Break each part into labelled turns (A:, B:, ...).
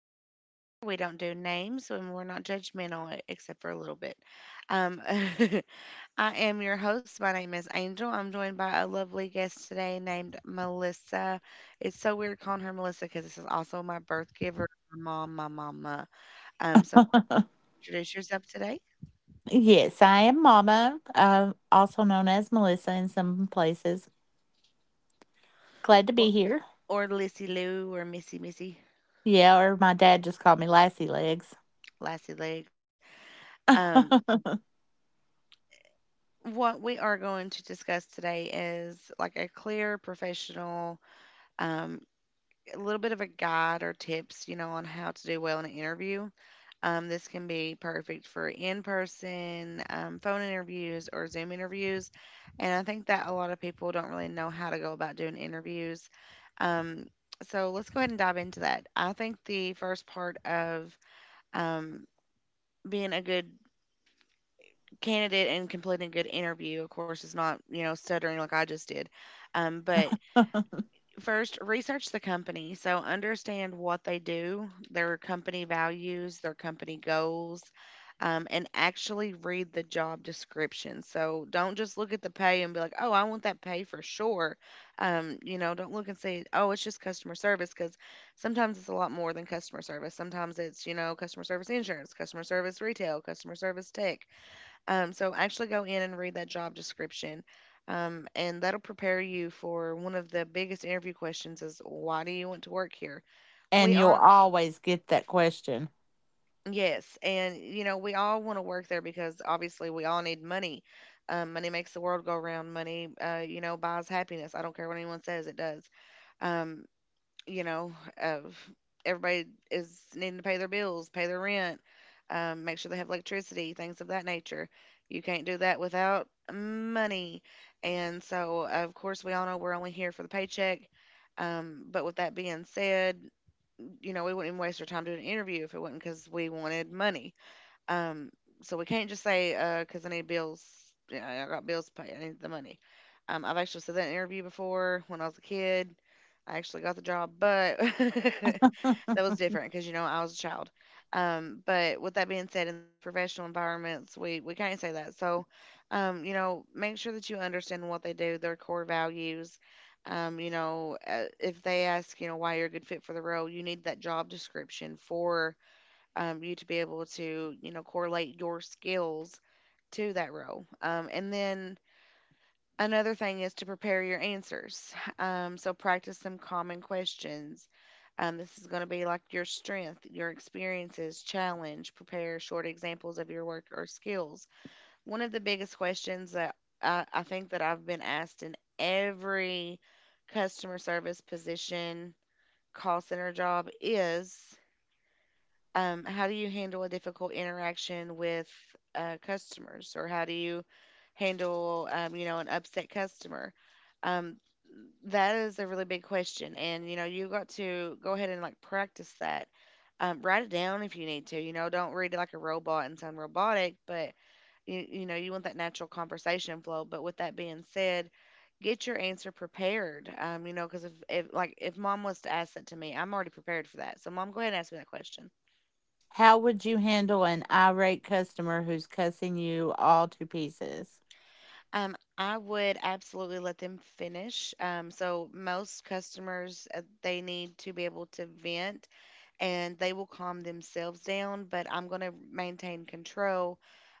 A: because around here we don't do names and we're not judgmental except for a little bit. Um, I am your host. My name is Angel. I'm joined by a lovely guest today named Melissa. It's so weird calling her Melissa because this is also my birth giver, my mom, my mama. So introduce yourself today
B: Yes, I am Mama, also known as Melissa in some places. Glad to be
A: or,
B: here.
A: or Lissy Lou or Missy Missy,
B: Yeah, or my dad just called me Lassie Legs.
A: Lassie Legs. Um, what we are going to discuss today is like a clear professional, um, a little bit of a guide or tips, you know, on how to do well in an interview. This can be perfect for in person, phone interviews, or Zoom interviews. And I think that a lot of people don't really know how to go about doing interviews. Um, so let's go ahead and dive into that. I think the first part of um, being a good candidate and completing a good interview, of course, is not, you know, stuttering like I just did. But first, research the company. So understand what they do, their company values, their company goals, and actually read the job description. So don't just look at the pay and be like, oh, I want that pay for sure. You know, don't look and say, oh, it's just customer service, because sometimes it's a lot more than customer service. Sometimes it's, you know, customer service insurance, customer service retail, customer service tech. So actually go in and read that job description. And that'll prepare you for one of the biggest interview questions is why do you want to work here? We
B: And you'll
A: on
B: always get that question.
A: Yes, and you know, we all want to work there because obviously we all need money. Money makes the world go round. Money, you know, buys happiness. I don't care what anyone says, it does. Um, you know, of Everybody is needing to pay their bills, pay their rent, make sure they have electricity, things of that nature. You can't do that without money. And so, of course, we all know we're only here for the paycheck. But with that being said, you know, we wouldn't even waste our time doing an interview if it wasn't because we wanted money. Um, so we can't just say, "Cause I need bills. Yeah, I got bills to pay. I need the money. I've actually said that in an interview before when I was a kid. I actually got the job, but that was different because, you know, I was a child. But with that being said, in these professional environments, we can't say that. So you know, make sure that you understand what they do, their core values. If they ask, you know, why you're a good fit for the role, you need that job description for you to be able to, you know, correlate your skills to that role. And then another thing is to prepare your answers. So practice some common questions. This is going to be like your strength, your experiences, challenge. Prepare short examples of your work or skills. One of the biggest questions that I think that I've been asked in every customer service position, call center job is, how do you handle a difficult interaction with, customers, or how do you handle, you know, an upset customer? um, that is a really big question, and you know, you got to go ahead and like practice that. Write it down if you need to. You know, don't read it like a robot and sound robotic, but you know, you want that natural conversation flow. But with that being said, get your answer prepared. You know, because if like, if mom was to ask that to me, I'm already prepared for that. So mom, go ahead and ask me that question.
B: How would you handle an irate customer who's cussing you all to pieces?
A: I would absolutely let them finish. So most customers, they need to be able to vent and they will calm themselves down, but I'm going to maintain control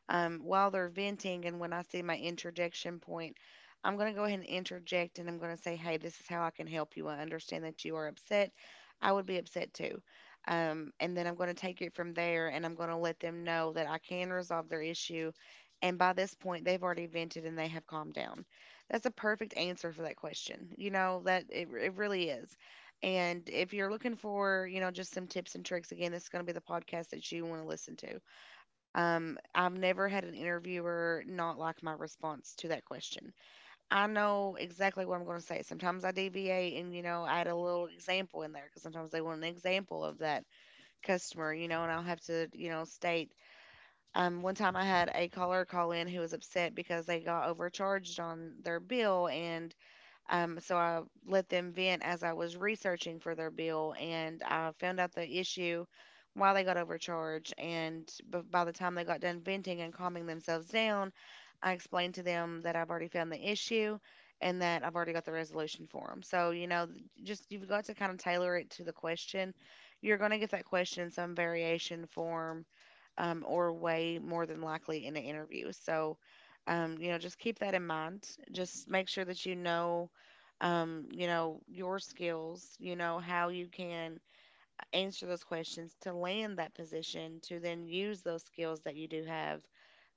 A: while they're venting. And when I see my interjection point, I'm going to go ahead and interject, and I'm going to say, hey, this is how I can help you. I understand that you are upset. I would be upset too. And then I'm going to take it from there, and I'm going to let them know that I can resolve their issue. And by this point, they've already vented and they have calmed down. That's a perfect answer for that question. You know, that it really is. And if you're looking for, you know, just some tips and tricks, again, this is going to be the podcast that you want to listen to. I've never had an interviewer not like my response to that question. I know exactly what I'm going to say. Sometimes I deviate and, you know, add a little example in there because sometimes they want an example of that customer, you know, and I'll have to, you know, state. One time I had a caller call in who was upset because they got overcharged on their bill, and so I let them vent as I was researching for their bill, and I found out the issue why they got overcharged. And by the time they got done venting and calming themselves down, I explained to them that I've already found the issue and that I've already got the resolution for them. So, you know, just, you've got to kind of tailor it to the question. You're going to get that question in some variation form, or way more than likely in an interview. So you know, just keep that in mind. Just make sure that you know, your skills, you know, how you can answer those questions to land that position to then use those skills that you do have.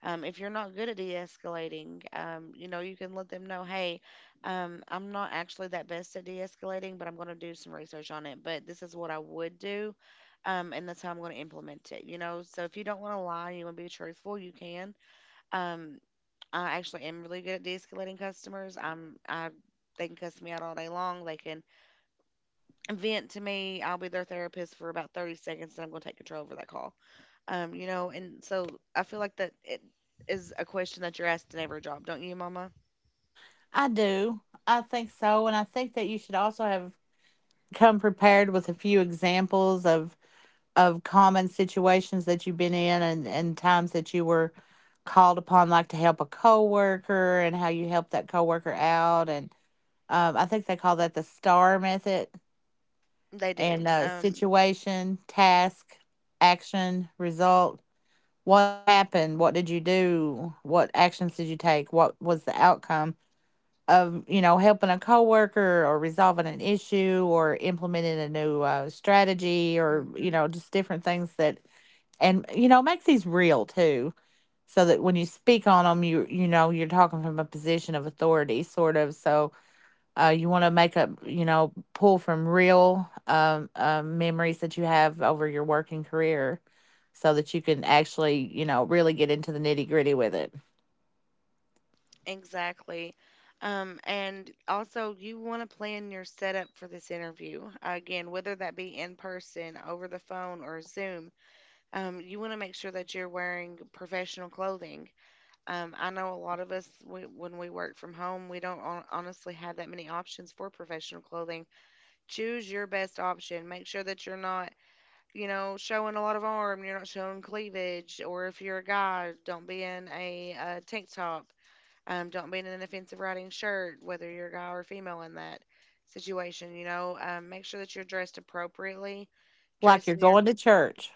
A: If you're not good at de-escalating, you know, you can let them know, hey, I'm not actually that best at de-escalating, but I'm going to do some research on it. But this is what I would do, and that's how I'm going to implement it. You know, so if you don't want to lie, you want to be truthful, you can. Um, I actually am really good at de-escalating customers. I'm I They can cuss me out all day long. They can vent to me. I'll be their therapist for about 30 seconds, and I'm going to take control over that call. You know, and so I feel like that it is a question that you're asked in every job, don't you, Mama?
B: I do. I think so. And I think that you should also have come prepared with a few examples of common situations that you've been in and times that you were called upon like to help a coworker and how you helped that coworker out. And um, i think they call that the star method.
A: They do.
B: And Situation, task, action, result. What happened? What did you do? What actions did you take? What was the outcome of, you know, helping a coworker or resolving an issue or implementing a new strategy, or, you
A: Mhm,
B: know, just different things that. And, you know, make these real too, so that when you speak on them, you know, you're talking from a position of authority, sort of. You want to make a, you know, pull from real memories that you have over your working career, so that you can actually, you know, really get into the nitty gritty with it.
A: exactly. And also, you want to plan your setup for this interview. Again, whether that be in person, over the phone, or Zoom, you want to make sure that you're wearing professional clothing. I know a lot of us, we, when we work from home, we don't honestly have that many options for professional clothing. Choose your best option. Make sure that you're not, you know, showing a lot of arm, you're not showing cleavage, or if you're a guy, don't be in a, tank top, don't be in an offensive riding shirt. Whether you're a guy or female in that situation, you know, make sure that you're dressed appropriately,
B: Like
A: dressed
B: you're
A: in your,
B: going to church.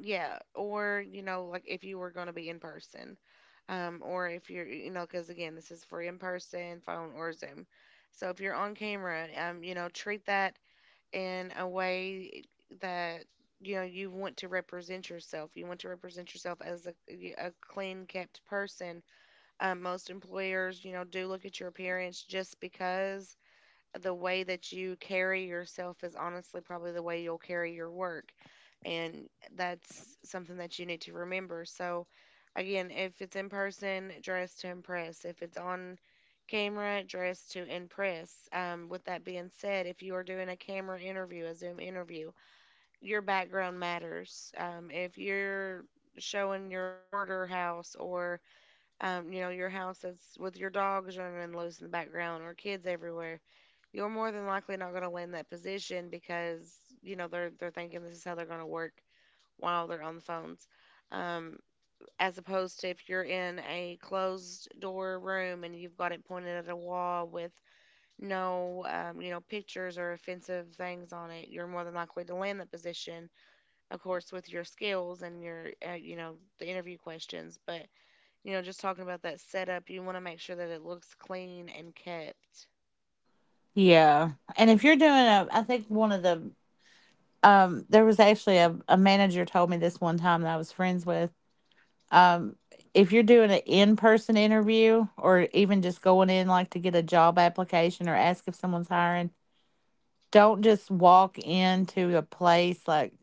A: yeah, or, you know, like if you were going to be in person, or if you're, you know, because again, this is for in person, phone, or Zoom. So if you're on camera, you know, treat that in a way that, you know, you want to represent yourself. You want to represent yourself as a clean kept person. Most employers, you know, do look at your appearance, just because the way that you carry yourself is honestly probably the way you'll carry your work. And that's something that you need to remember. So again, if it's in person, dress to impress. If it's on camera, dress to impress. With that being said, if you are doing a camera interview, a Zoom interview, your background matters. If you're showing your hoarder house or your house that's with your dogs running loose in the background or kids everywhere, you're more than likely not going to land that position because you know they're thinking this is how they're going to work while they're on the phones, um, as opposed to if you're in a closed door room and you've got it pointed at a wall with no pictures or offensive things on it. You're more than likely to land that position, of course, with your skills and your the interview questions. But you know, just talking about that setup, you want to make sure that it looks clean and kept.
B: Yeah. And if you're doing a, I think one of the there was actually a manager told me this one time that I was friends with. Um, if you're doing an in-person interview or even just going in like to get a job application or ask if someone's hiring, don't just walk into a place like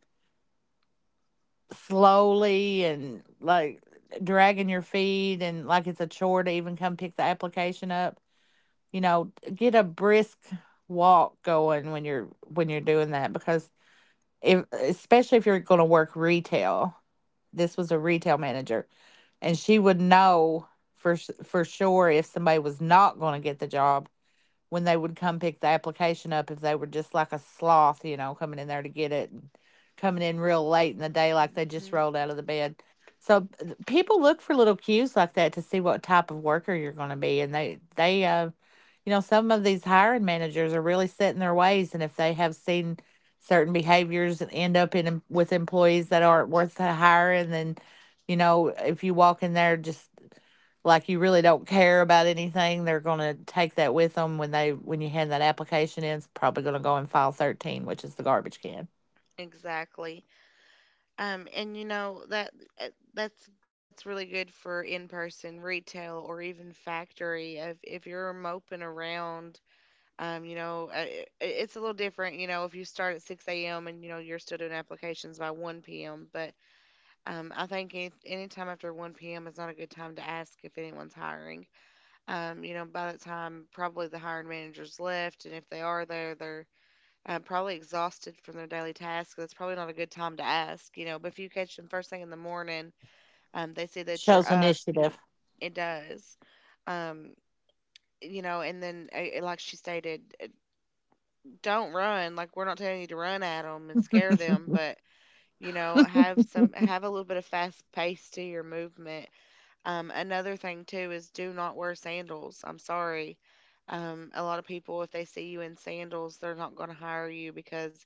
B: slowly and like dragging your feet and like it's a chore to even come pick the application up. You know, get a brisk walk going when you're doing that, because if, especially if you're going to work retail. This was a retail manager, and she would know for for sure if somebody was not going to get the job when they would come pick the application up, if they were just like a sloth, you know, coming in there to get it and coming in real late in the day like they just
A: Mm-hmm.
B: rolled out of the bed. So people look for little cues like that to see what type of worker you're going to be, and they, you know, some of these hiring managers are really set in their ways, and if they have seen certain behaviors and end up in with employees that
A: Yep.
B: aren't worth the hiring, then, you know, if you walk in there just like you really don't care about anything, they're going to take that with them, when they when you hand that application in, it's probably going to go in file 13, which is the garbage can.
A: Exactly. And you know that uh, that's really good for in-person retail or even factory. If you're moping around, you know, it's a little different. You know, if you start at 6 a.m. and you know you're still doing applications by 1 p.m. But I think anytime after 1 p.m. is not a good time to ask if anyone's hiring. You know, by that time, probably the hiring managers left, and if they are there, they're probably exhausted from their daily tasks. That's probably not a good time to ask, you know. But if you catch them first thing in the morning, they see that you're
B: Shows
A: up. You know,
B: initiative.
A: it does, um, you know. And then, like she stated, don't run. Like we're not telling you to run at them and scare them, but you know, have a little bit of fast pace to your movement. Another thing too is do not wear sandals. I'm sorry, a lot of people, if they see you in sandals, they're not going to hire you because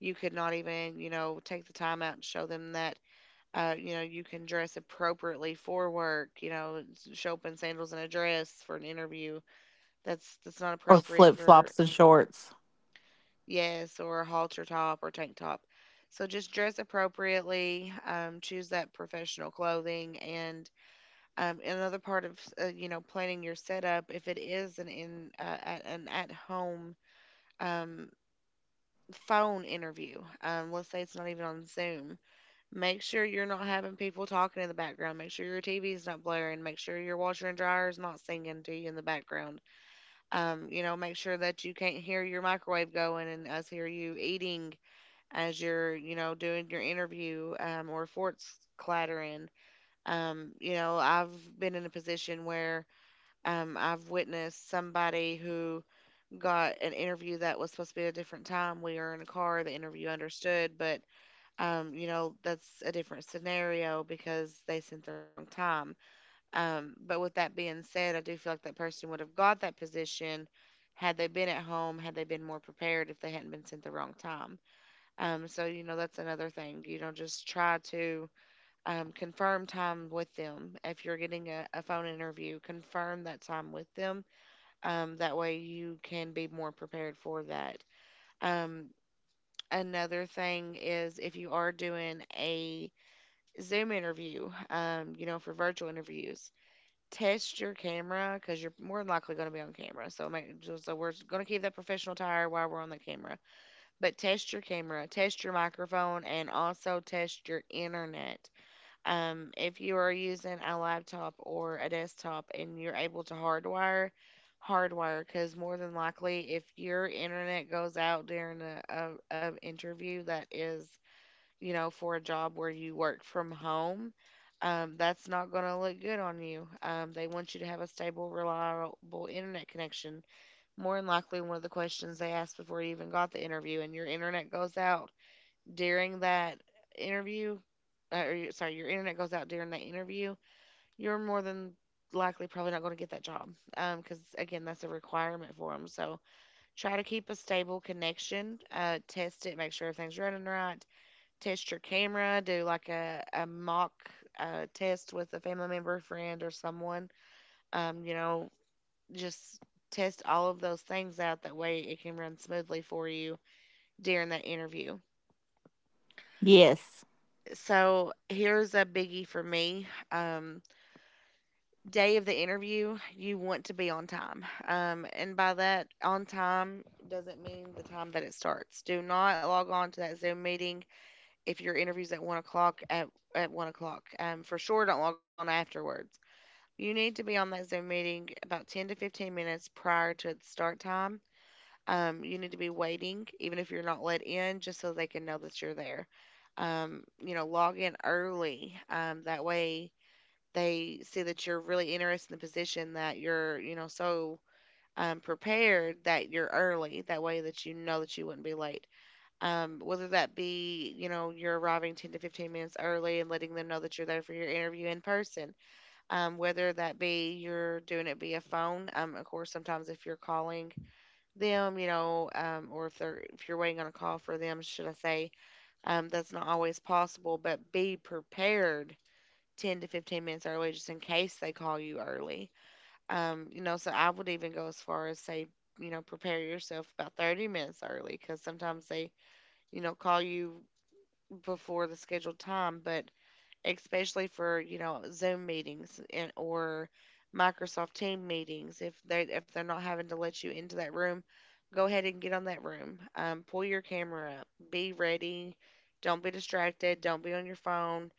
A: you could not even, you know, take the time out and show them that, you know, you can dress appropriately for work. You know, show up in sandals and a dress for an interview. That's not
B: Or
A: appropriate for...
B: flip-flops and shorts.
A: yes, or a halter top or tank top. So just dress appropriately. Choose that professional clothing. And another part of you know, planning your setup, if it is an an at home um, phone interview, let's say it's not even on Zoom, make sure you're not having people talking in the background. Make sure your TV is not blaring. Make sure your washer and dryer is not singing to you in the background. You know, make sure that you can't hear your microwave going and us hear you eating as you're, you know, doing your interview, or forks clattering. You know, I've been in a position where I've witnessed somebody who got an interview that was supposed to be at a different time. We were in a car. The interview understood, but you know, that's a different scenario because they sent the wrong time. But with that being said, I do feel like that person would have got that position had they been at home, had they been more prepared, if they hadn't been sent the wrong time. So you know, that's another thing. You know, just try to confirm time with them. If you're getting a phone interview, confirm that time with them, that way you can be more prepared for that. um, Another thing is if you are doing a Zoom interview, you know, for virtual interviews, test your camera because you're more than likely going to be on camera. So, so we're going to keep that professional tire while we're on the camera. But test your camera, test your microphone, and also test your internet. If you are using a laptop or a desktop and you're able to hardwire, hardwire, because more than likely, if your internet goes out during a interview that is, you know, for a job where you work from home, that's not going to look good on you. They want you to have a stable, reliable internet connection. More than likely, one of the questions they asked before you even got the interview, and your internet goes out during that interview, your internet goes out during that interview, you're more than likely probably not going to get that job. Because again, that's a requirement for them. So try to keep a stable connection. Test it, make sure everything's running right. Test your camera. Do like a mock test with a family member, friend, or someone. You know, just test all of those things out. That way, it can run smoothly for you during that interview.
B: Yes.
A: So here's a biggie for me. Um, Day of the interview, you want to be on time. And by that, on time doesn't mean the time that it starts. Do not log on to that Zoom meeting if your interview's at 1 o'clock. At 1 o'clock, for sure, don't log on afterwards. You need to be on that Zoom meeting about 10 to 15 minutes prior to the start time. You need to be waiting, even if you're not let in, just so they can know that you're there. You know, log in early. That way they see that you're really interested in the position, that you're, you know, so prepared that you're early. That way that you know that you wouldn't be late. Whether that be, you know, you're arriving 10 to 15 minutes early and letting them know that you're there for your interview in person, whether that be you're doing it via phone. Of course, sometimes if you're calling them, you know, or if you're waiting on a call for them, should I say, that's not always possible, but be prepared 10 to 15 minutes early just in case they call you early. You know, so I would even go as far as say, you know, prepare yourself about 30 minutes early because sometimes they, you know, call you before the scheduled time. But especially for you know, Zoom meetings and or Microsoft Team meetings, if they're not having to let you into that room, go ahead and get on that room. Pull your camera up. Be ready. Don't be distracted. Don't be on your phone.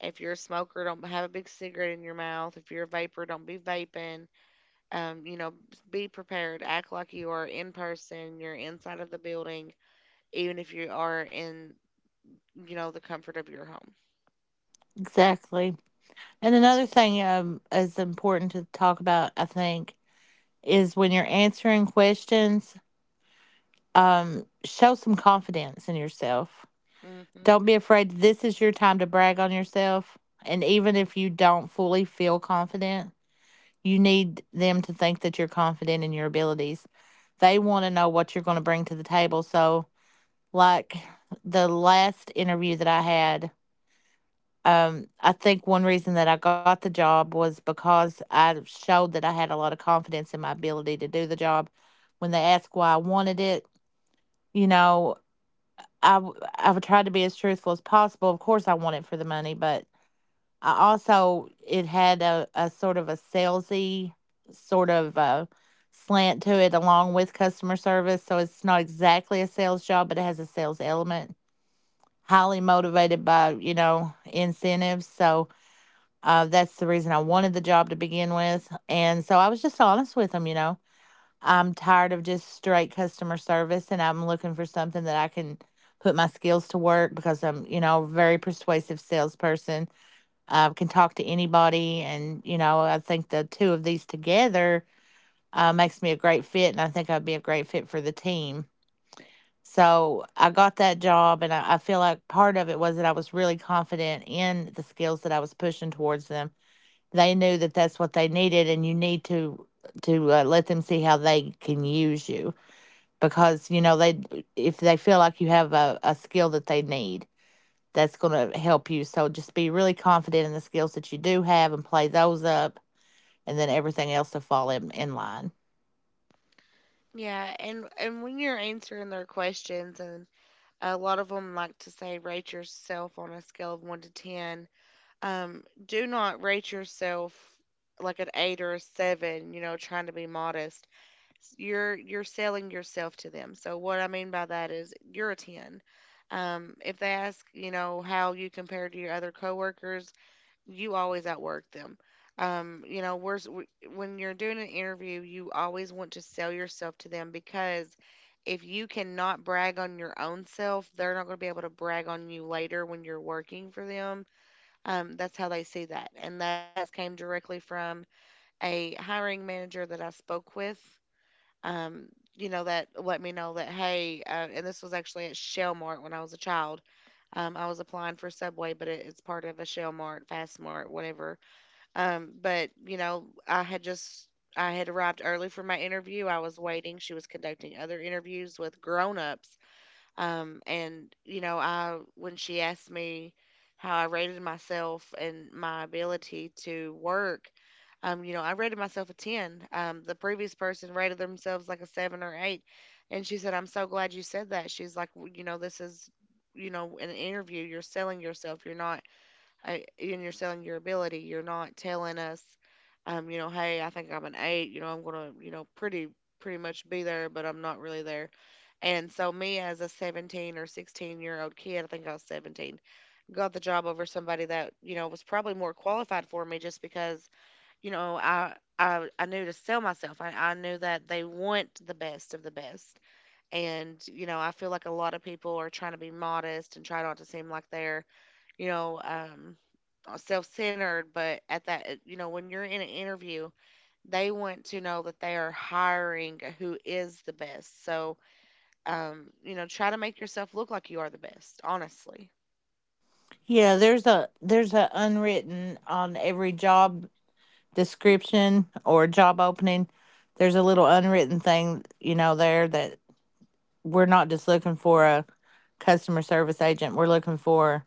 A: If you're a smoker, don't have a big cigarette in your mouth. If you're a vapor, don't be vaping. You know, be prepared. Act like you are in person. You're inside of the building, even if you are in, you know, the comfort of your home.
B: Exactly. And another thing, is important to talk about, I think, is when you're answering questions, show some confidence in yourself.
A: Hmm.
B: Don't be afraid. This is your time to brag on yourself. And even if you don't fully feel confident, you need them to think that you're confident in your abilities. They want to know what you're going to bring to the table. So, like, the last interview that I had, I think one reason that I got the job was because I showed that I had a lot of confidence in my ability to do the job. When they asked why I wanted it, you know, I would try to be as truthful as possible. Of course, I want it for the money, but I also, it had a sort of a salesy sort of slant to it along with customer service. So it's not exactly a sales job, but it has a sales element. Highly motivated by, you know, incentives. So that's the reason I wanted the job to begin with. And so I was just honest with them, you know. I'm tired of just straight customer service and I'm looking for something that I can put my skills to work, because I'm, you know, a very persuasive salesperson, can talk to anybody. And, you know, I think the two of these together makes me a great fit. And I think I'd be a great fit for the team. So I got that job. And I feel like part of it was that I was really confident in the skills that I was pushing towards them. They knew that that's what they needed. And you need to, to let them see how they can use you, because, you know, they, if they feel like you have a skill that they need, that's going to help you. So just be really confident in the skills that you do have and play those up, and then everything else will fall in line.
A: Yeah, and when you're answering their questions, and a lot of them like to say, rate yourself on a scale of one to ten. Do not rate yourself like an eight or a seven, you know, trying to be modest. You're selling yourself to them. So what I mean by that is you're a ten. If they ask, you know, how you compare to your other coworkers, you always outwork them. You know, when you're doing an interview, you always want to sell yourself to them because if you cannot brag on your own self, they're not going to be able to brag on you later when you're working for them. That's how they see that, and that has came directly from a hiring manager that I spoke with. Um, you know, that let me know that hey, and this was actually at Shellmart when I was a child. I was applying for Subway, but it's part of a Shell Mart, Fast Mart, whatever, but you know, I had arrived early for my interview. I was waiting. She was conducting other interviews with grown-ups. And you know, I, when she asked me how I rated myself and my ability to work, you know, I rated myself a 10. The previous person rated themselves like a 7 or 8. And she said, "I'm so glad you said that." She's like, "You know, this is, you know, an interview. You're selling yourself. You're not I, and you're selling your ability. You're not telling us, you know, hey, I think I'm an eight. You know, I'm gonna, you know, pretty much be there, but I'm not really there." And so me as a 17 or 16-year-old kid, I think I was 17, got the job over somebody that, you know, was probably more qualified for me, just because you know I knew to sell myself. I knew that they want the best of the best. And, you know, I feel like a lot of people are trying to be modest and try not to seem like they're, you know, self-centered. But at that, you know, when you're in an interview, they want to know that they are hiring who is the best. So you know, try to make yourself look like you are the best, honestly.
B: Yeah, there's a, there's a unwritten on every job description or job opening. There's a little unwritten thing, you know, there, that we're not just looking for a customer service agent. We're looking for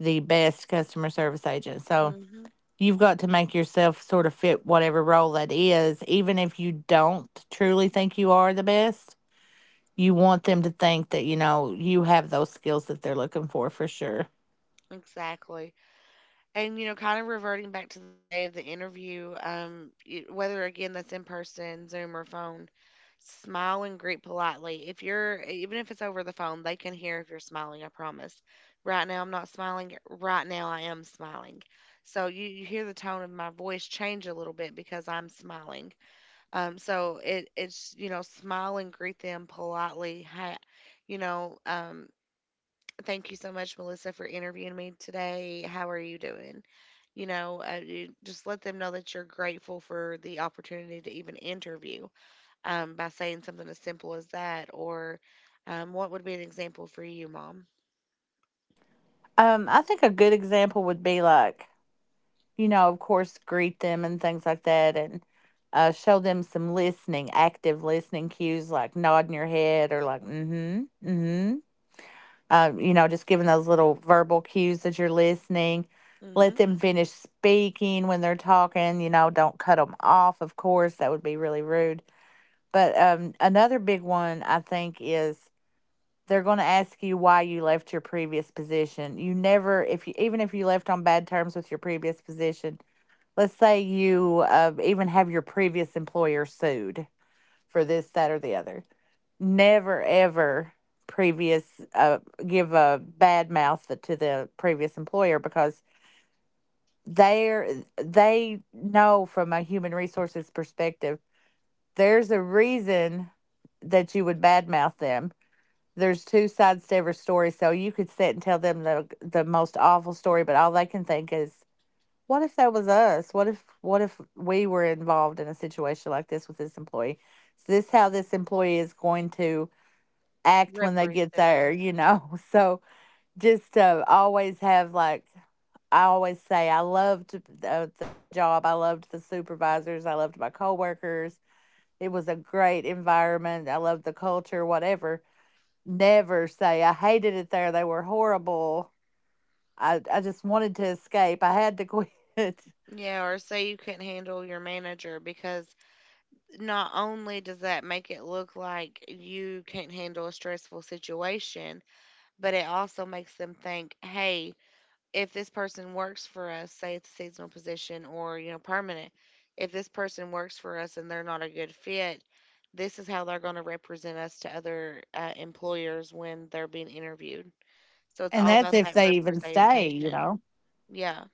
B: the best customer service agent. So
A: Hmm.
B: you've got to make yourself sort of fit whatever role that is. Even if you don't truly think you are the best, you want them to think that, you know, you have those skills that they're looking for sure.
A: Exactly. And, you know, kind of reverting back to the day of the interview, whether again that's in person, Zoom, or phone, smile and greet politely. If you're, even if it's over the phone, they can hear if you're smiling, I promise. Right now, I'm not smiling. Right now, I am smiling. So you hear the tone of my voice change a little bit because I'm smiling. You know, smile and greet them politely. Hi, you know, um, thank you so much, Melissa, for interviewing me today. How are you doing? You just let them know that you're grateful for the opportunity to even interview, by saying something as simple as that. Or what would be an example for you, Mom?
B: I think a good example would be like, you know, of course, greet them and things like that, and show them some listening, active listening cues, like nodding your head or like, mm hmm You know, just giving those little verbal cues that you're listening. Let
A: Hmm.
B: them finish speaking when they're talking. You know, don't cut them off, of course. That would be really rude. But another big one, I think, is they're going to ask you why you left your previous position. You never, if you, even if you left on bad terms with your previous position, let's say you even have your previous employer sued for this, that, or the other, never ever previous give a bad mouth to the previous employer, because they're, they know, from a human resources perspective, there's a reason that you would badmouth them. There's two sides to every story, so you could sit and tell them the most awful story, but all they can think is, what if that was us? What if we were involved in a situation like this with this employee? Is this how this employee is going to act when they get
A: Represent
B: there,
A: us.
B: you know? So just to always have, like, I always say I loved the job. I loved the supervisors. I loved my coworkers. It was a great environment. I loved the culture, whatever. Never say I hated it there. They were horrible. I just wanted to escape. I had to quit.
A: Yeah, or say you couldn't handle your manager because not only does that make it look like you can't handle a stressful situation, but it also makes them think, hey, if this person works for us, say it's a seasonal position or, you know, permanent, if this person works for us and they're not a good fit, this is how they're going to represent us to other employers when they're being interviewed. So it's
B: And
A: all
B: that's
A: about
B: if
A: that
B: they even stay, you
A: representation.
B: know.
A: Yeah,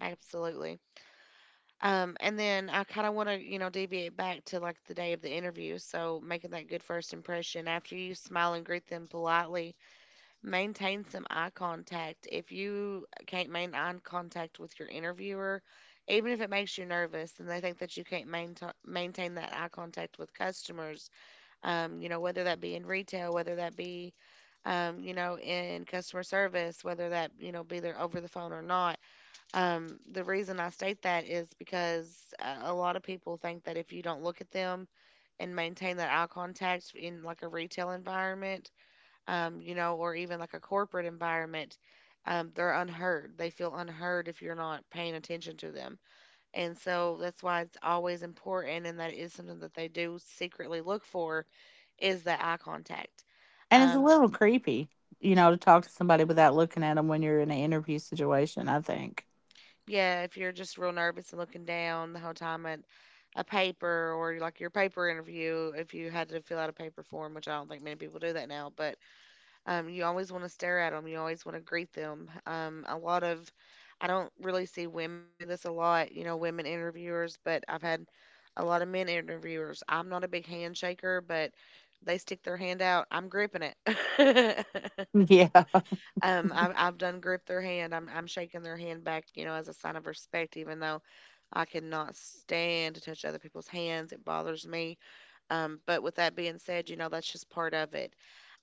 A: absolutely. And then I kind of want to, you know, deviate back to like the day of the interview. So making that good first impression after you smile and greet them politely, maintain some eye contact. If you can't maintain eye contact with your interviewer, even if it makes you nervous and they think that you can't maintain that eye contact with customers, you know, whether that be in retail, whether that be, you know, in customer service, whether that, you know, be there over the phone or not. The reason I state that is because a lot of people think that if you don't look at them and maintain that eye contact in like a retail environment, you know, or even like a corporate environment, they're unheard. They feel unheard if you're not paying attention to them. And so that's why it's always important, and that is something that they do secretly look for is the eye contact.
B: And it's a
A: Um,
B: little creepy, you know, to talk to somebody without looking at them when you're in an interview situation, I think.
A: yeah, if you're just real nervous and looking down the whole time at a paper or like your paper interview, if you had to fill out a paper form, which I don't think many people do that now, but you always want to stare at them. You always want to greet them. I don't really see women do this a lot, you know, women interviewers, but I've had a lot of men interviewers. I'm not a big handshaker, but they stick their hand out. I'm gripping it.
B: Yeah.
A: I've done grip their hand. I'm shaking their hand back, you know, as a sign of respect, even though I cannot stand to touch other people's hands. It bothers me. But with that being said, you know, that's just part of it.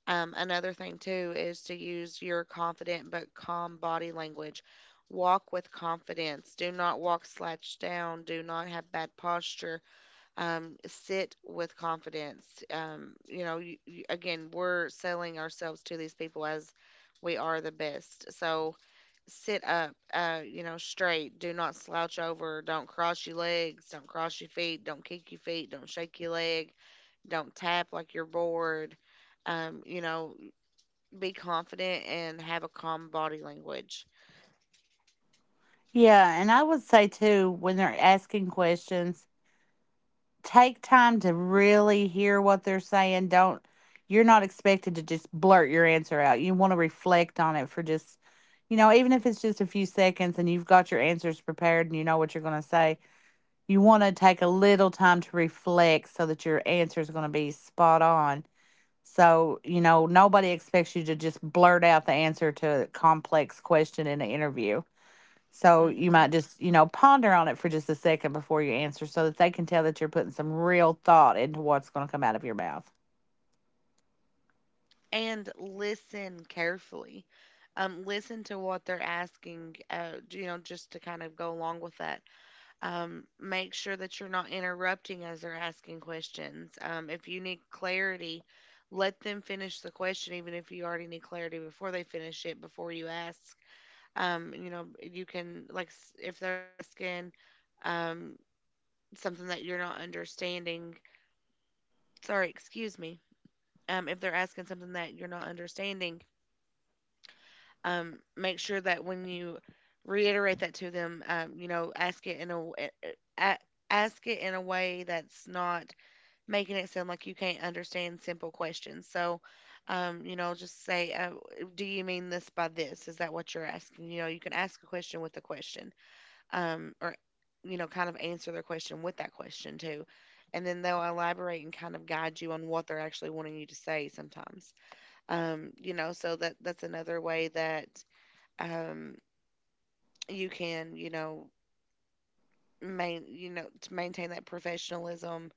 A: Another thing too is to use your confident but calm body language. Walk with confidence. Do not walk slouched down. Do not have bad posture. Sit with confidence. Again, we're selling ourselves to these people as we are the best. So sit up, you know, straight. Do not slouch over. Don't cross your legs. Don't cross your feet. Don't kick your feet. Don't shake your leg, don't tap like you're bored. You know, be confident and have a calm body language.
B: Yeah, and I would say too, when they're asking questions, take time to really hear what they're saying. Don't, you're not expected to just blurt your answer out. You want to reflect on it for just, you know, even if it's just a few seconds and you've got your answers prepared and you know what you're going to say, you want to take a little time to reflect so that your answer is going to be spot on. So, you know, nobody expects you to just blurt out the answer to a complex question in an interview. So you
A: Hmm.
B: might just, you know, ponder on it for just a second before you answer, so that they can tell that you're putting some real thought into what's going to come out of your mouth.
A: And listen carefully. Listen to what they're asking, you know, just to kind of go along with that. Make sure that you're not interrupting as they're asking questions. If you need clarity, let them finish the question, even if you already need clarity before they finish it, before you ask. You know, you can, like, if they're asking um, something that you're not understanding, sorry, excuse me, if they're asking something that you're not understanding, make sure that when you reiterate that to them, you know, ask it in a ask it in a way that's not making it sound like you can't understand simple questions. So, you know, just say, "Do you mean this by this? Is that what you're asking?" You know, you can ask a question with a question, or you know, kind of answer their question with that question too. And then they'll elaborate and kind of guide you on what they're actually wanting you to say sometimes, you know, so that that's another way that um, you can you know main you know to maintain that professionalism,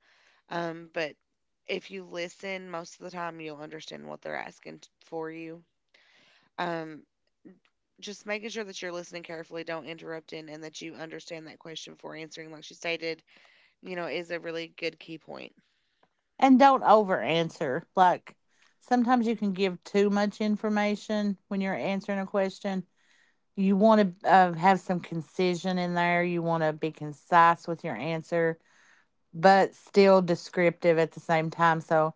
A: but if you listen most of the time you'll understand what they're asking for you, um, just making sure that you're listening carefully, don't interrupt in, and that you understand that question before answering like she stated, you know, is a really good key point.
B: And don't over answer. Like, sometimes you can give too much information when you're answering a question. You want to have some concision in there, you want to be concise with your answer, but still descriptive at the same time. So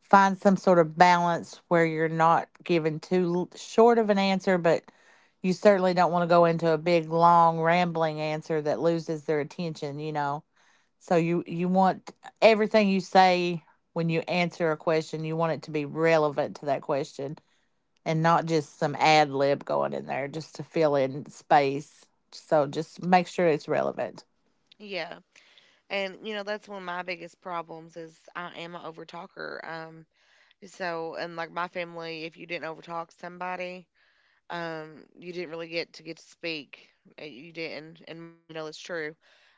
B: find some sort of balance where you're not giving too short of an answer, but you certainly don't want to go into a big, long, rambling answer that loses their attention, you know. So you want everything you say, when you answer a question, you want it to be relevant to that question, and not just some ad lib going in there just to fill in space. So just make sure it's relevant.
A: Yeah, and you know that's one of my biggest problems is I am an overtalker. Talker So, and like my family, if you didn't overtalk somebody, you didn't really get to speak. You didn't. And Mom, you know that's true.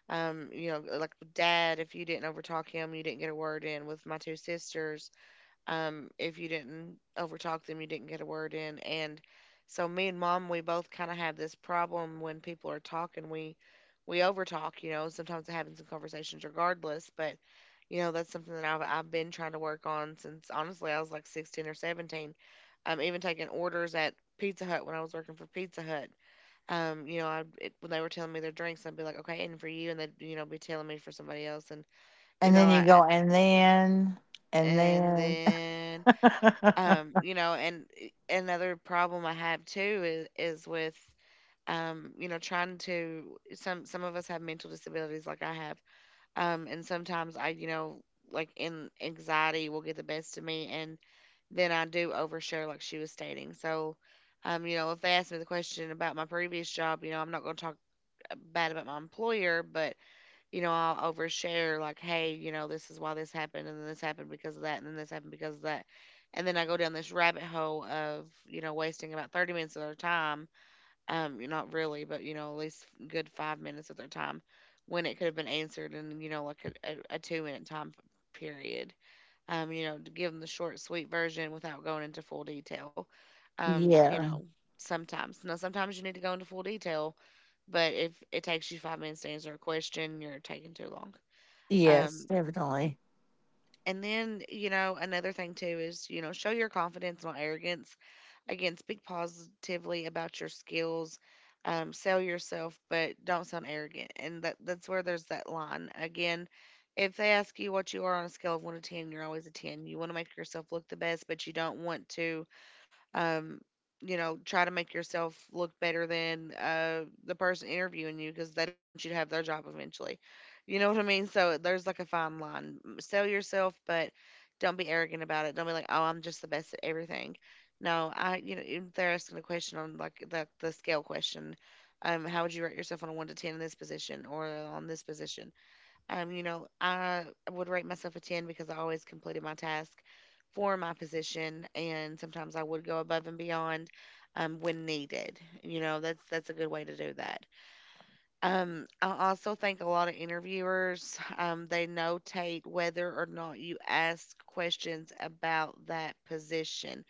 A: You know, like with Dad, if you didn't overtalk him, you didn't get a word in. With my two sisters, if you didn't overtalk them, you didn't get a word in. And so me and Mom, we both kind of have this problem. When people are talking, we overtalk, you know. Sometimes it happens in conversations regardless, but you know that's something that I've been trying to work on since honestly I was like 16 or 17. Even taking orders at Pizza Hut when I was working for Pizza Hut. When they were telling me their drinks, I'd be like, okay, and for you, and they'd you know be telling me for somebody else, and you
B: And
A: know,
B: then you
A: I
B: go, and then, and
A: and
B: then.
A: then another problem I have too is with you know trying to some of us have mental disabilities like I have, and sometimes I you know like in anxiety will get the best of me and then I do overshare like she was stating. So you know if they ask me the question about my previous job, you know I'm not going to talk bad about my employer, but you know, I'll overshare like, hey, you know, this is why this happened, and then this happened because of that, and then this happened because of that. And then I go down this rabbit hole of, you know, wasting about 30 minutes of their time. Not really, but, you know, at least good 5 minutes of their time when it could have been answered in, you know, like a 2 minute time period. You know, to give them the short, sweet version without going into full detail. You
B: Yeah.
A: know, sometimes. Now, sometimes you need to go into full detail, but if it takes you 5 minutes to answer a question, you're taking too long.
B: Yes,
A: Um,
B: definitely.
A: and then, you know, another thing too is, you know, show your confidence, not arrogance. Again, speak positively about your skills. Sell yourself, but don't sound arrogant. And that's where there's that line. Again, if they ask you what you are on a scale of 1 to 10, you're always a 10. You want to make yourself look the best, but you don't want to um, you know, try to make yourself look better than the person interviewing you because they don't want you to have their job eventually. You know what I mean? So there's like a fine line. Sell yourself, but don't be arrogant about it. Don't be like, oh, I'm just the best at everything. No, I, you know, if they're asking a question on like the scale question. How would you rate yourself on a one to ten in this position or on this position? You know, I would rate myself a 10 because I always completed my task for my position, and sometimes I would go above and beyond when needed. You know, that's a good way to do that. I also think a lot of interviewers they notate whether or not you ask questions about that position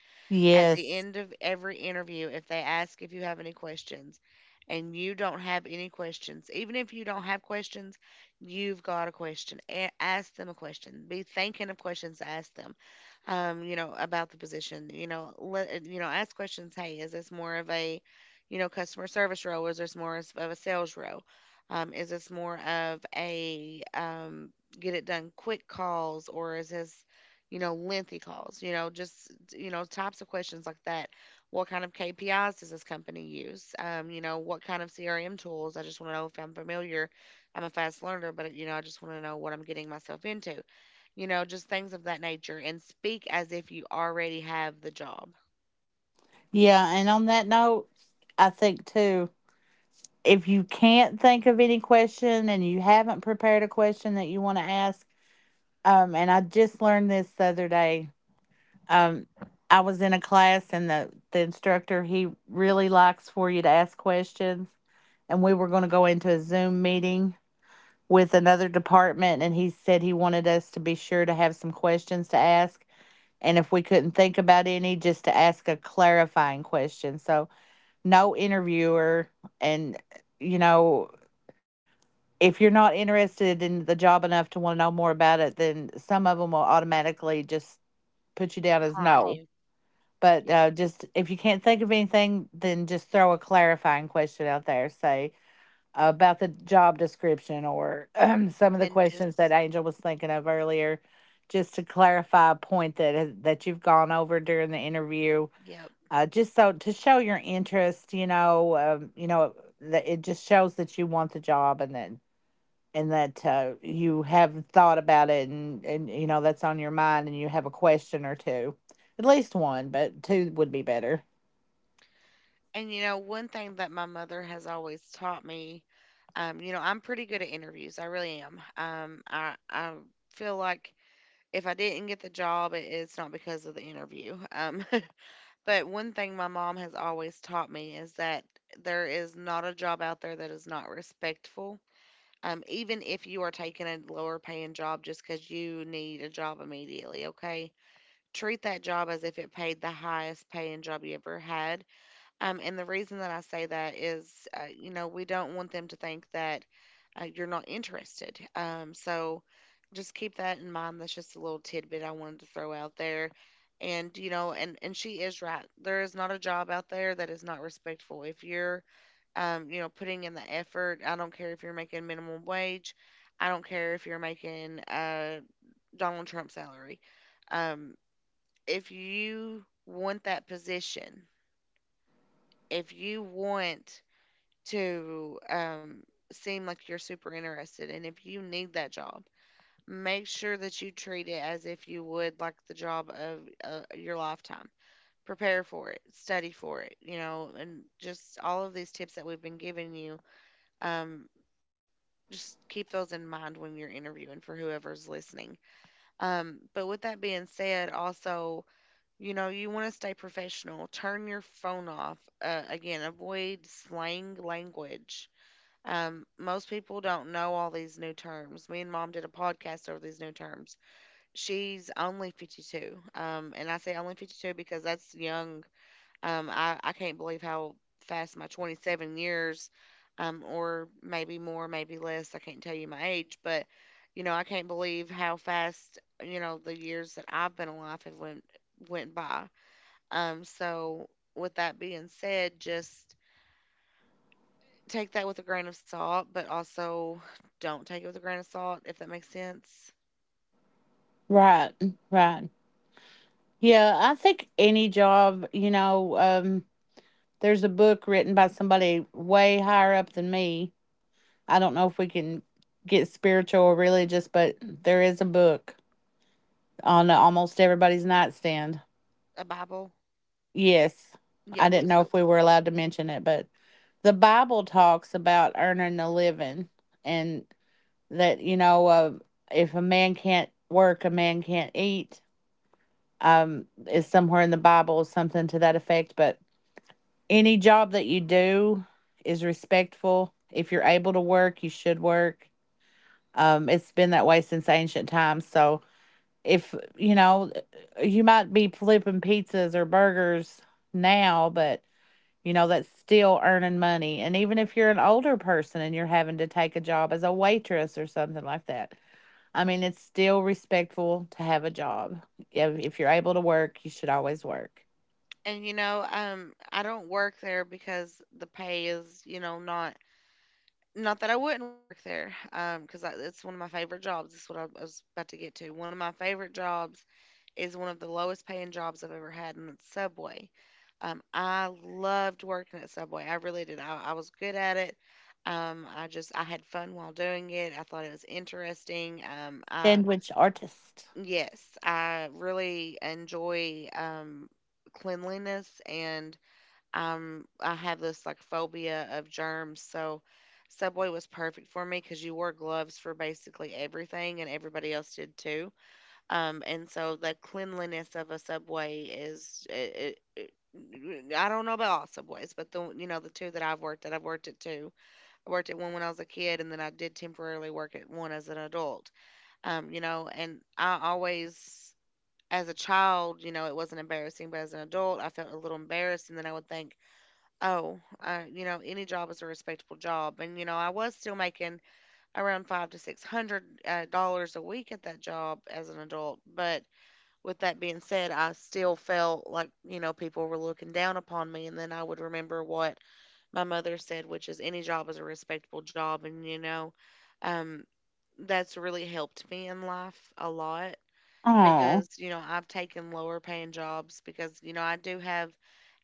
A: at the
B: Yes.
A: end of every interview. If they ask if you have any questions and you don't have any questions, even if you don't have questions, you've got a question. Ask them a question. Be thinking of questions to ask them, you know, about the position. You know, you know, ask questions. Hey, is this more of a, you know, customer service role? Is this more of a sales role? Is this more of a get it done quick calls, or is this, you know, lengthy calls? You know, just, you know, types of questions like that. What kind of KPIs does this company use? You know, what kind of CRM tools? I just want to know if I'm familiar. I'm a fast learner, but, you know, I just want to know what I'm getting myself into, just things of that nature. And speak as if you already have the job.
B: Yeah. And on that note, I think too, if you can't think of any question and you haven't prepared a question that you want to ask, and I just learned this the other day. Um, I was in a class and the instructor, he really likes for you to ask questions. And we were going to go into a Zoom meeting with another department. And he said he wanted us to be sure to have some questions to ask. And if we couldn't think about any, just to ask a clarifying question. So, no interviewer. And, you know, if you're not interested in the job enough to want to know more about it, then some of them will automatically just put you down as
A: Decline
B: no.
A: you.
B: But
A: Yep.
B: just if you can't think of anything, then just throw a clarifying question out there. Say about the job description or some of the
A: And
B: questions
A: just,
B: that Angel was thinking of earlier, just to clarify a point that you've gone over during the interview,
A: yep.
B: just so to show your interest, you know, that it just shows that you want the job and that you have thought about it and you know that's on your mind and you have a question or two, at least one, but two would be better.
A: And, you know, one thing that my mother has always taught me, you know, I'm pretty good at interviews. I really am. I feel like if I didn't get the job, it's not because of the interview. But one thing my mom has always taught me is that there is not a job out there that is not respectful. Even if you are taking a lower paying job just because you need a job immediately, okay? Treat that job as if it paid the highest paying job you ever had, and the reason that I say that is, you know, we don't want them to think that you're not interested. So just keep that in mind. That's just a little tidbit I wanted to throw out there. And you know, and she is right. There is not a job out there that is not respectful. If you're you know, putting in the effort, I don't care if you're making minimum wage. I don't care if you're making Donald Trump salary. Um, if you want that position, if you want to, seem like you're super interested. And if you need that job, make sure that you treat it as if you would like the job of your lifetime. Prepare for it, study for it, you know, and just all of these tips that we've been giving you. Um, just keep those in mind when you're interviewing for whoever's listening. But with that being said, also, you know, you want to stay professional. Turn your phone off. Again, avoid slang language. Um, most people don't know all these new terms. Me and mom did a podcast over these new terms. She's only 52. And I say only 52 because that's young. I can't believe how fast my 27 years, or maybe more, maybe less. I can't tell you my age, but you know, I can't believe how fast, you know, the years that I've been alive have went by. So with that being said, just take that with a grain of salt, but also don't take it with a grain of salt, if that makes sense.
B: Right, right. Yeah, I think any job, you know, there's a book written by somebody way higher up than me. I don't know if we can get spiritual or religious, but there is a book on almost everybody's nightstand.
A: A Bible.
B: Yes.
A: Yeah,
B: I
A: what
B: didn't
A: is
B: know
A: it?
B: if we were allowed to mention it, but the Bible talks about earning a living and that, you know, if a man can't work, a man can't eat, is somewhere in the Bible, something to that effect. But any job that you do is respectful. If you're able to work, you should work. It's been that way since ancient times. So, if you know, you might be flipping pizzas or burgers now, but you know that's still earning money. And even if you're an older person and you're having to take a job as a waitress or something like that, I mean, it's still respectful to have a job. If you're able to work, you should always work.
A: And you know, I don't work there because the pay is, you know, not. Not that I wouldn't work there, because it's one of my favorite jobs. It's what I was about to get to. One of my favorite jobs is one of the lowest paying jobs I've ever had, and it's Subway. I loved working at Subway. I really did. I was good at it. I just I had fun while doing it. I thought it was interesting. I,
B: Sandwich artist.
A: yes, I really enjoy, cleanliness, and um, I have this like phobia of germs, so Subway was perfect for me because you wore gloves for basically everything, and everybody else did too. And so the cleanliness of a Subway is it, I don't know about all Subways, but the, you know, the two that I've worked at two. I worked at one when I was a kid, and then I did temporarily work at one as an adult. You know, and I always. As a child, you know, it wasn't embarrassing, but as an adult, I felt a little embarrassed. And then I would think, oh, you know, any job is a respectable job, and you know, I was still making around five to six hundred dollars a week at that job as an adult. But with that being said, I still felt like you know people were looking down upon me, and then I would remember what my mother said, which is any job is a respectable job, and you know, um, that's really helped me in life a lot
B: Oh,
A: because you know I've taken lower paying jobs because you know I do have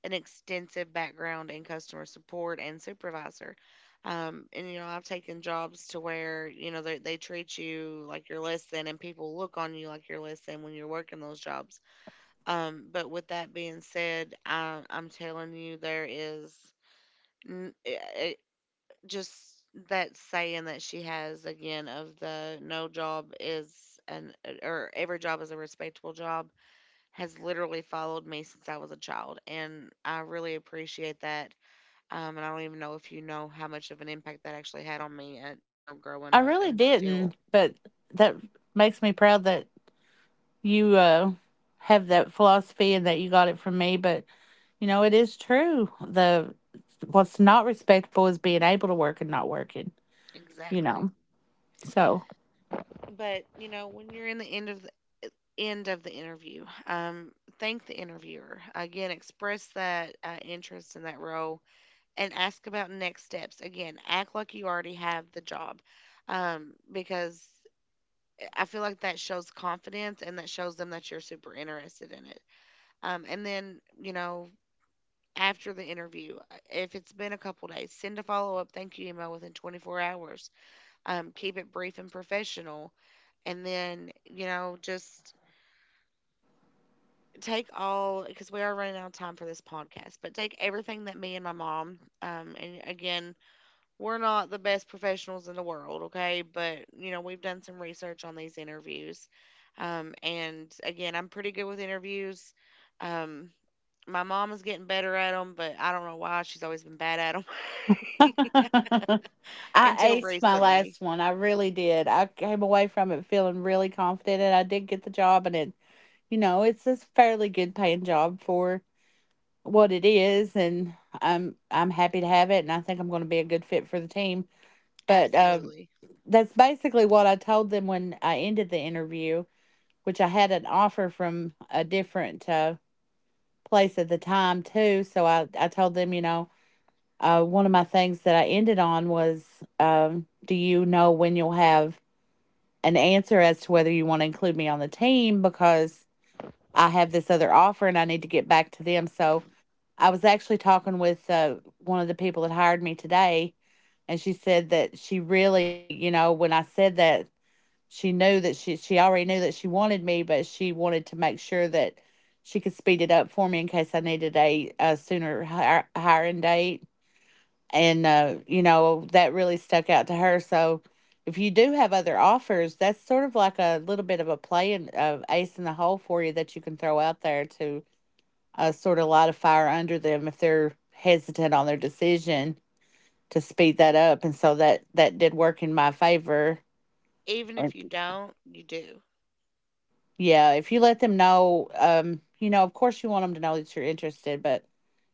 A: an extensive background in customer support and supervisor. And you know, I've taken jobs to where you know they treat you like you're less than, and people look on you like you're less than when you're working those jobs. But with that being said, I'm telling you, there is n- it, it- just that saying that she has again of the no job is an or every job is a respectable job has literally followed me since I was a child, and I really appreciate that, and I don't even know if you know how much of an impact that actually had on me at, you know, growing
B: I
A: up and
B: really
A: still.
B: didn't, but that makes me proud that you have that philosophy and that you got it from me. But you know, it is true. The What's not respectful is being able to work and not working, you
A: Exactly.
B: know. So
A: But, you know, when you're in the end of the interview, thank the interviewer. Again, express that interest in that role and ask about next steps. Again, act like you already have the job. Because I feel like that shows confidence and that shows them that you're super interested in it. And then, you know, after the interview. If it's been a couple days, send a follow up thank you email within 24 hours. Keep it brief and professional. And then, you know, just take all, because we are running out of time for this podcast, but take everything that me and my mom, and again, we're not the best professionals in the world, okay? But, you know, we've done some research on these interviews. And again, I'm pretty good with interviews. Um, my mom is getting better at them, but I don't know why. She's always been bad at them
B: I
A: until
B: aced my
A: recently.
B: last one. I really did. I came away from it feeling really confident and I did get the job. And it, you know, it's a fairly good paying job for what it is, and I'm happy to have it and I think I'm gonna be a good fit for the team. But
A: Absolutely.
B: that's basically what I told them when I ended the interview, which I had an offer from a different place at the time too. So I told them, you know, one of my things that I ended on was, do you know when you'll have an answer as to whether you want to include me on the team, because I have this other offer and I need to get back to them. So I was actually talking with one of the people that hired me today, and she said that she really, you know, when I said that, she knew that she already knew that she wanted me, but she wanted to make sure that she could speed it up for me in case I needed a, sooner hiring date. And you know, that really stuck out to her. So if you do have other offers, that's sort of like a little bit of a play and, ace in the hole for you that you can throw out there to, sort of light a fire under them if they're hesitant on their decision, to speed that up. And so that did work in my favor.
A: Even if you don't, you do.
B: Yeah, if you let them know, you know, of course you want them to know that you're interested, but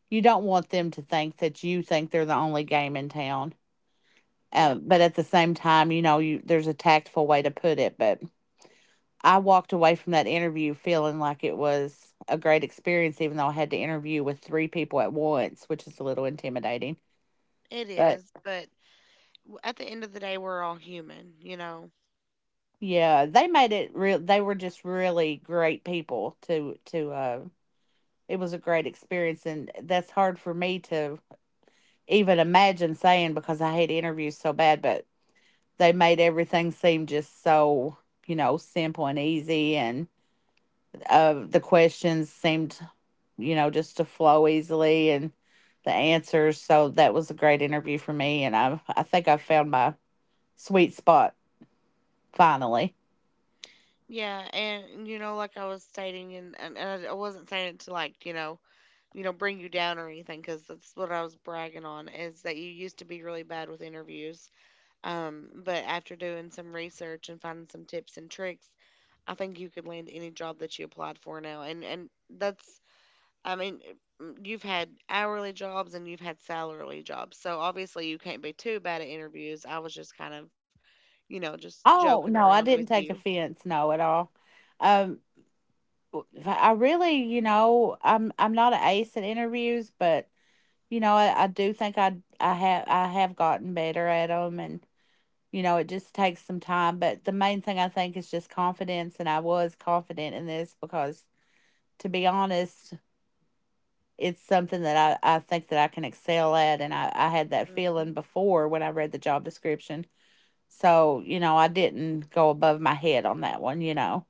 B: you don't want them to think that you think they're the only game in town.
A: Yep,
B: But at the same time, you know, you there's a tactful way to put it. But I walked away from that interview feeling like it was a great experience, even though I had to interview with three people at once, which is a little intimidating.
A: it
B: But
A: is. But at the end of the day, we're all human, you know?
B: yeah, they made it real. They were just really great people to. It was a great experience, and that's hard for me to even imagine saying because I hate interviews so bad, but they made everything seem just so, you know, simple and easy. And the questions seemed, you know, just to flow easily, and the answers. So that was a great interview for me. And I think I found my sweet spot finally.
A: Yeah, and you know, like I was stating, and I wasn't saying it to like, you know, bring you down or anything because that's what I was bragging on is that you used to be really bad with interviews. But after doing some research and finding some tips and tricks, I think you could land any job that you applied for now. And that's, I mean, mm, you've had hourly jobs and you've had salary jobs. So obviously you can't be too bad at interviews. I was just kind of, you know, just joking
B: Oh, no,
A: around
B: I
A: with
B: didn't take
A: you.
B: offense. No, at all. Um, I really, you know, I'm not an ace at interviews, but you know, I do think I have gotten better at them. And you know, it just takes some time. But the main thing I think is just confidence, and I was confident in this because, to be honest, it's something that I think that I can excel at, and I had that
A: Hmm.
B: feeling before when I read the job description. So you know, I didn't go above my head on that one. You know,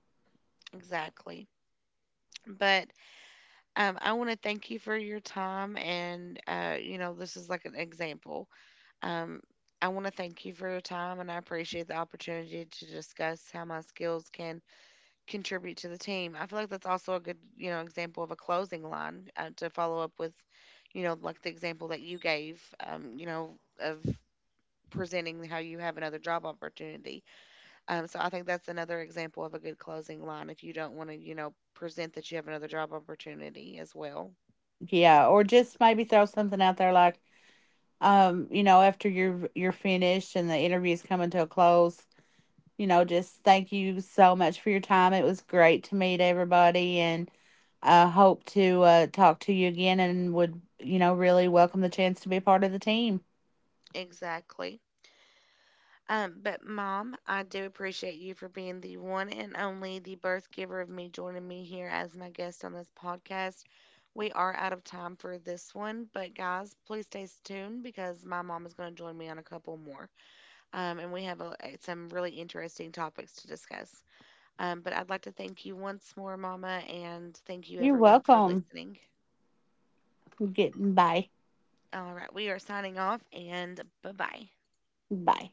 A: Exactly. But, I want to thank you for your time, and you know, this is like an example. Um, I want to thank you for your time, and I appreciate the opportunity to discuss how my skills can contribute to the team. I feel like that's also a good, you know, example of a closing line to follow up with, you know, like the example that you gave, you know, of presenting how you have another job opportunity. So I think that's another example of a good closing line if you don't want to, you know, present that you have another job opportunity as well.
B: yeah, or just maybe throw something out there like, you know, after you're finished and the interview's coming to a close, you know, just thank you so much for your time. It was great to meet everybody, and I hope to, talk to you again, and would, you know, really welcome the chance to be a part of the team.
A: Exactly. But mom, I do appreciate you for being the one and only, the birth giver of me joining me here as my guest on this podcast. We are out of time for this one, but guys, please stay tuned because my mom is going to join me on a couple more. And we have a, some really interesting topics to discuss. But I'd like to thank you once more, Mama, and thank you
B: You're
A: everyone for
B: welcome.
A: listening.
B: Get, bye.
A: All right, we are signing off, and bye bye.
B: Bye.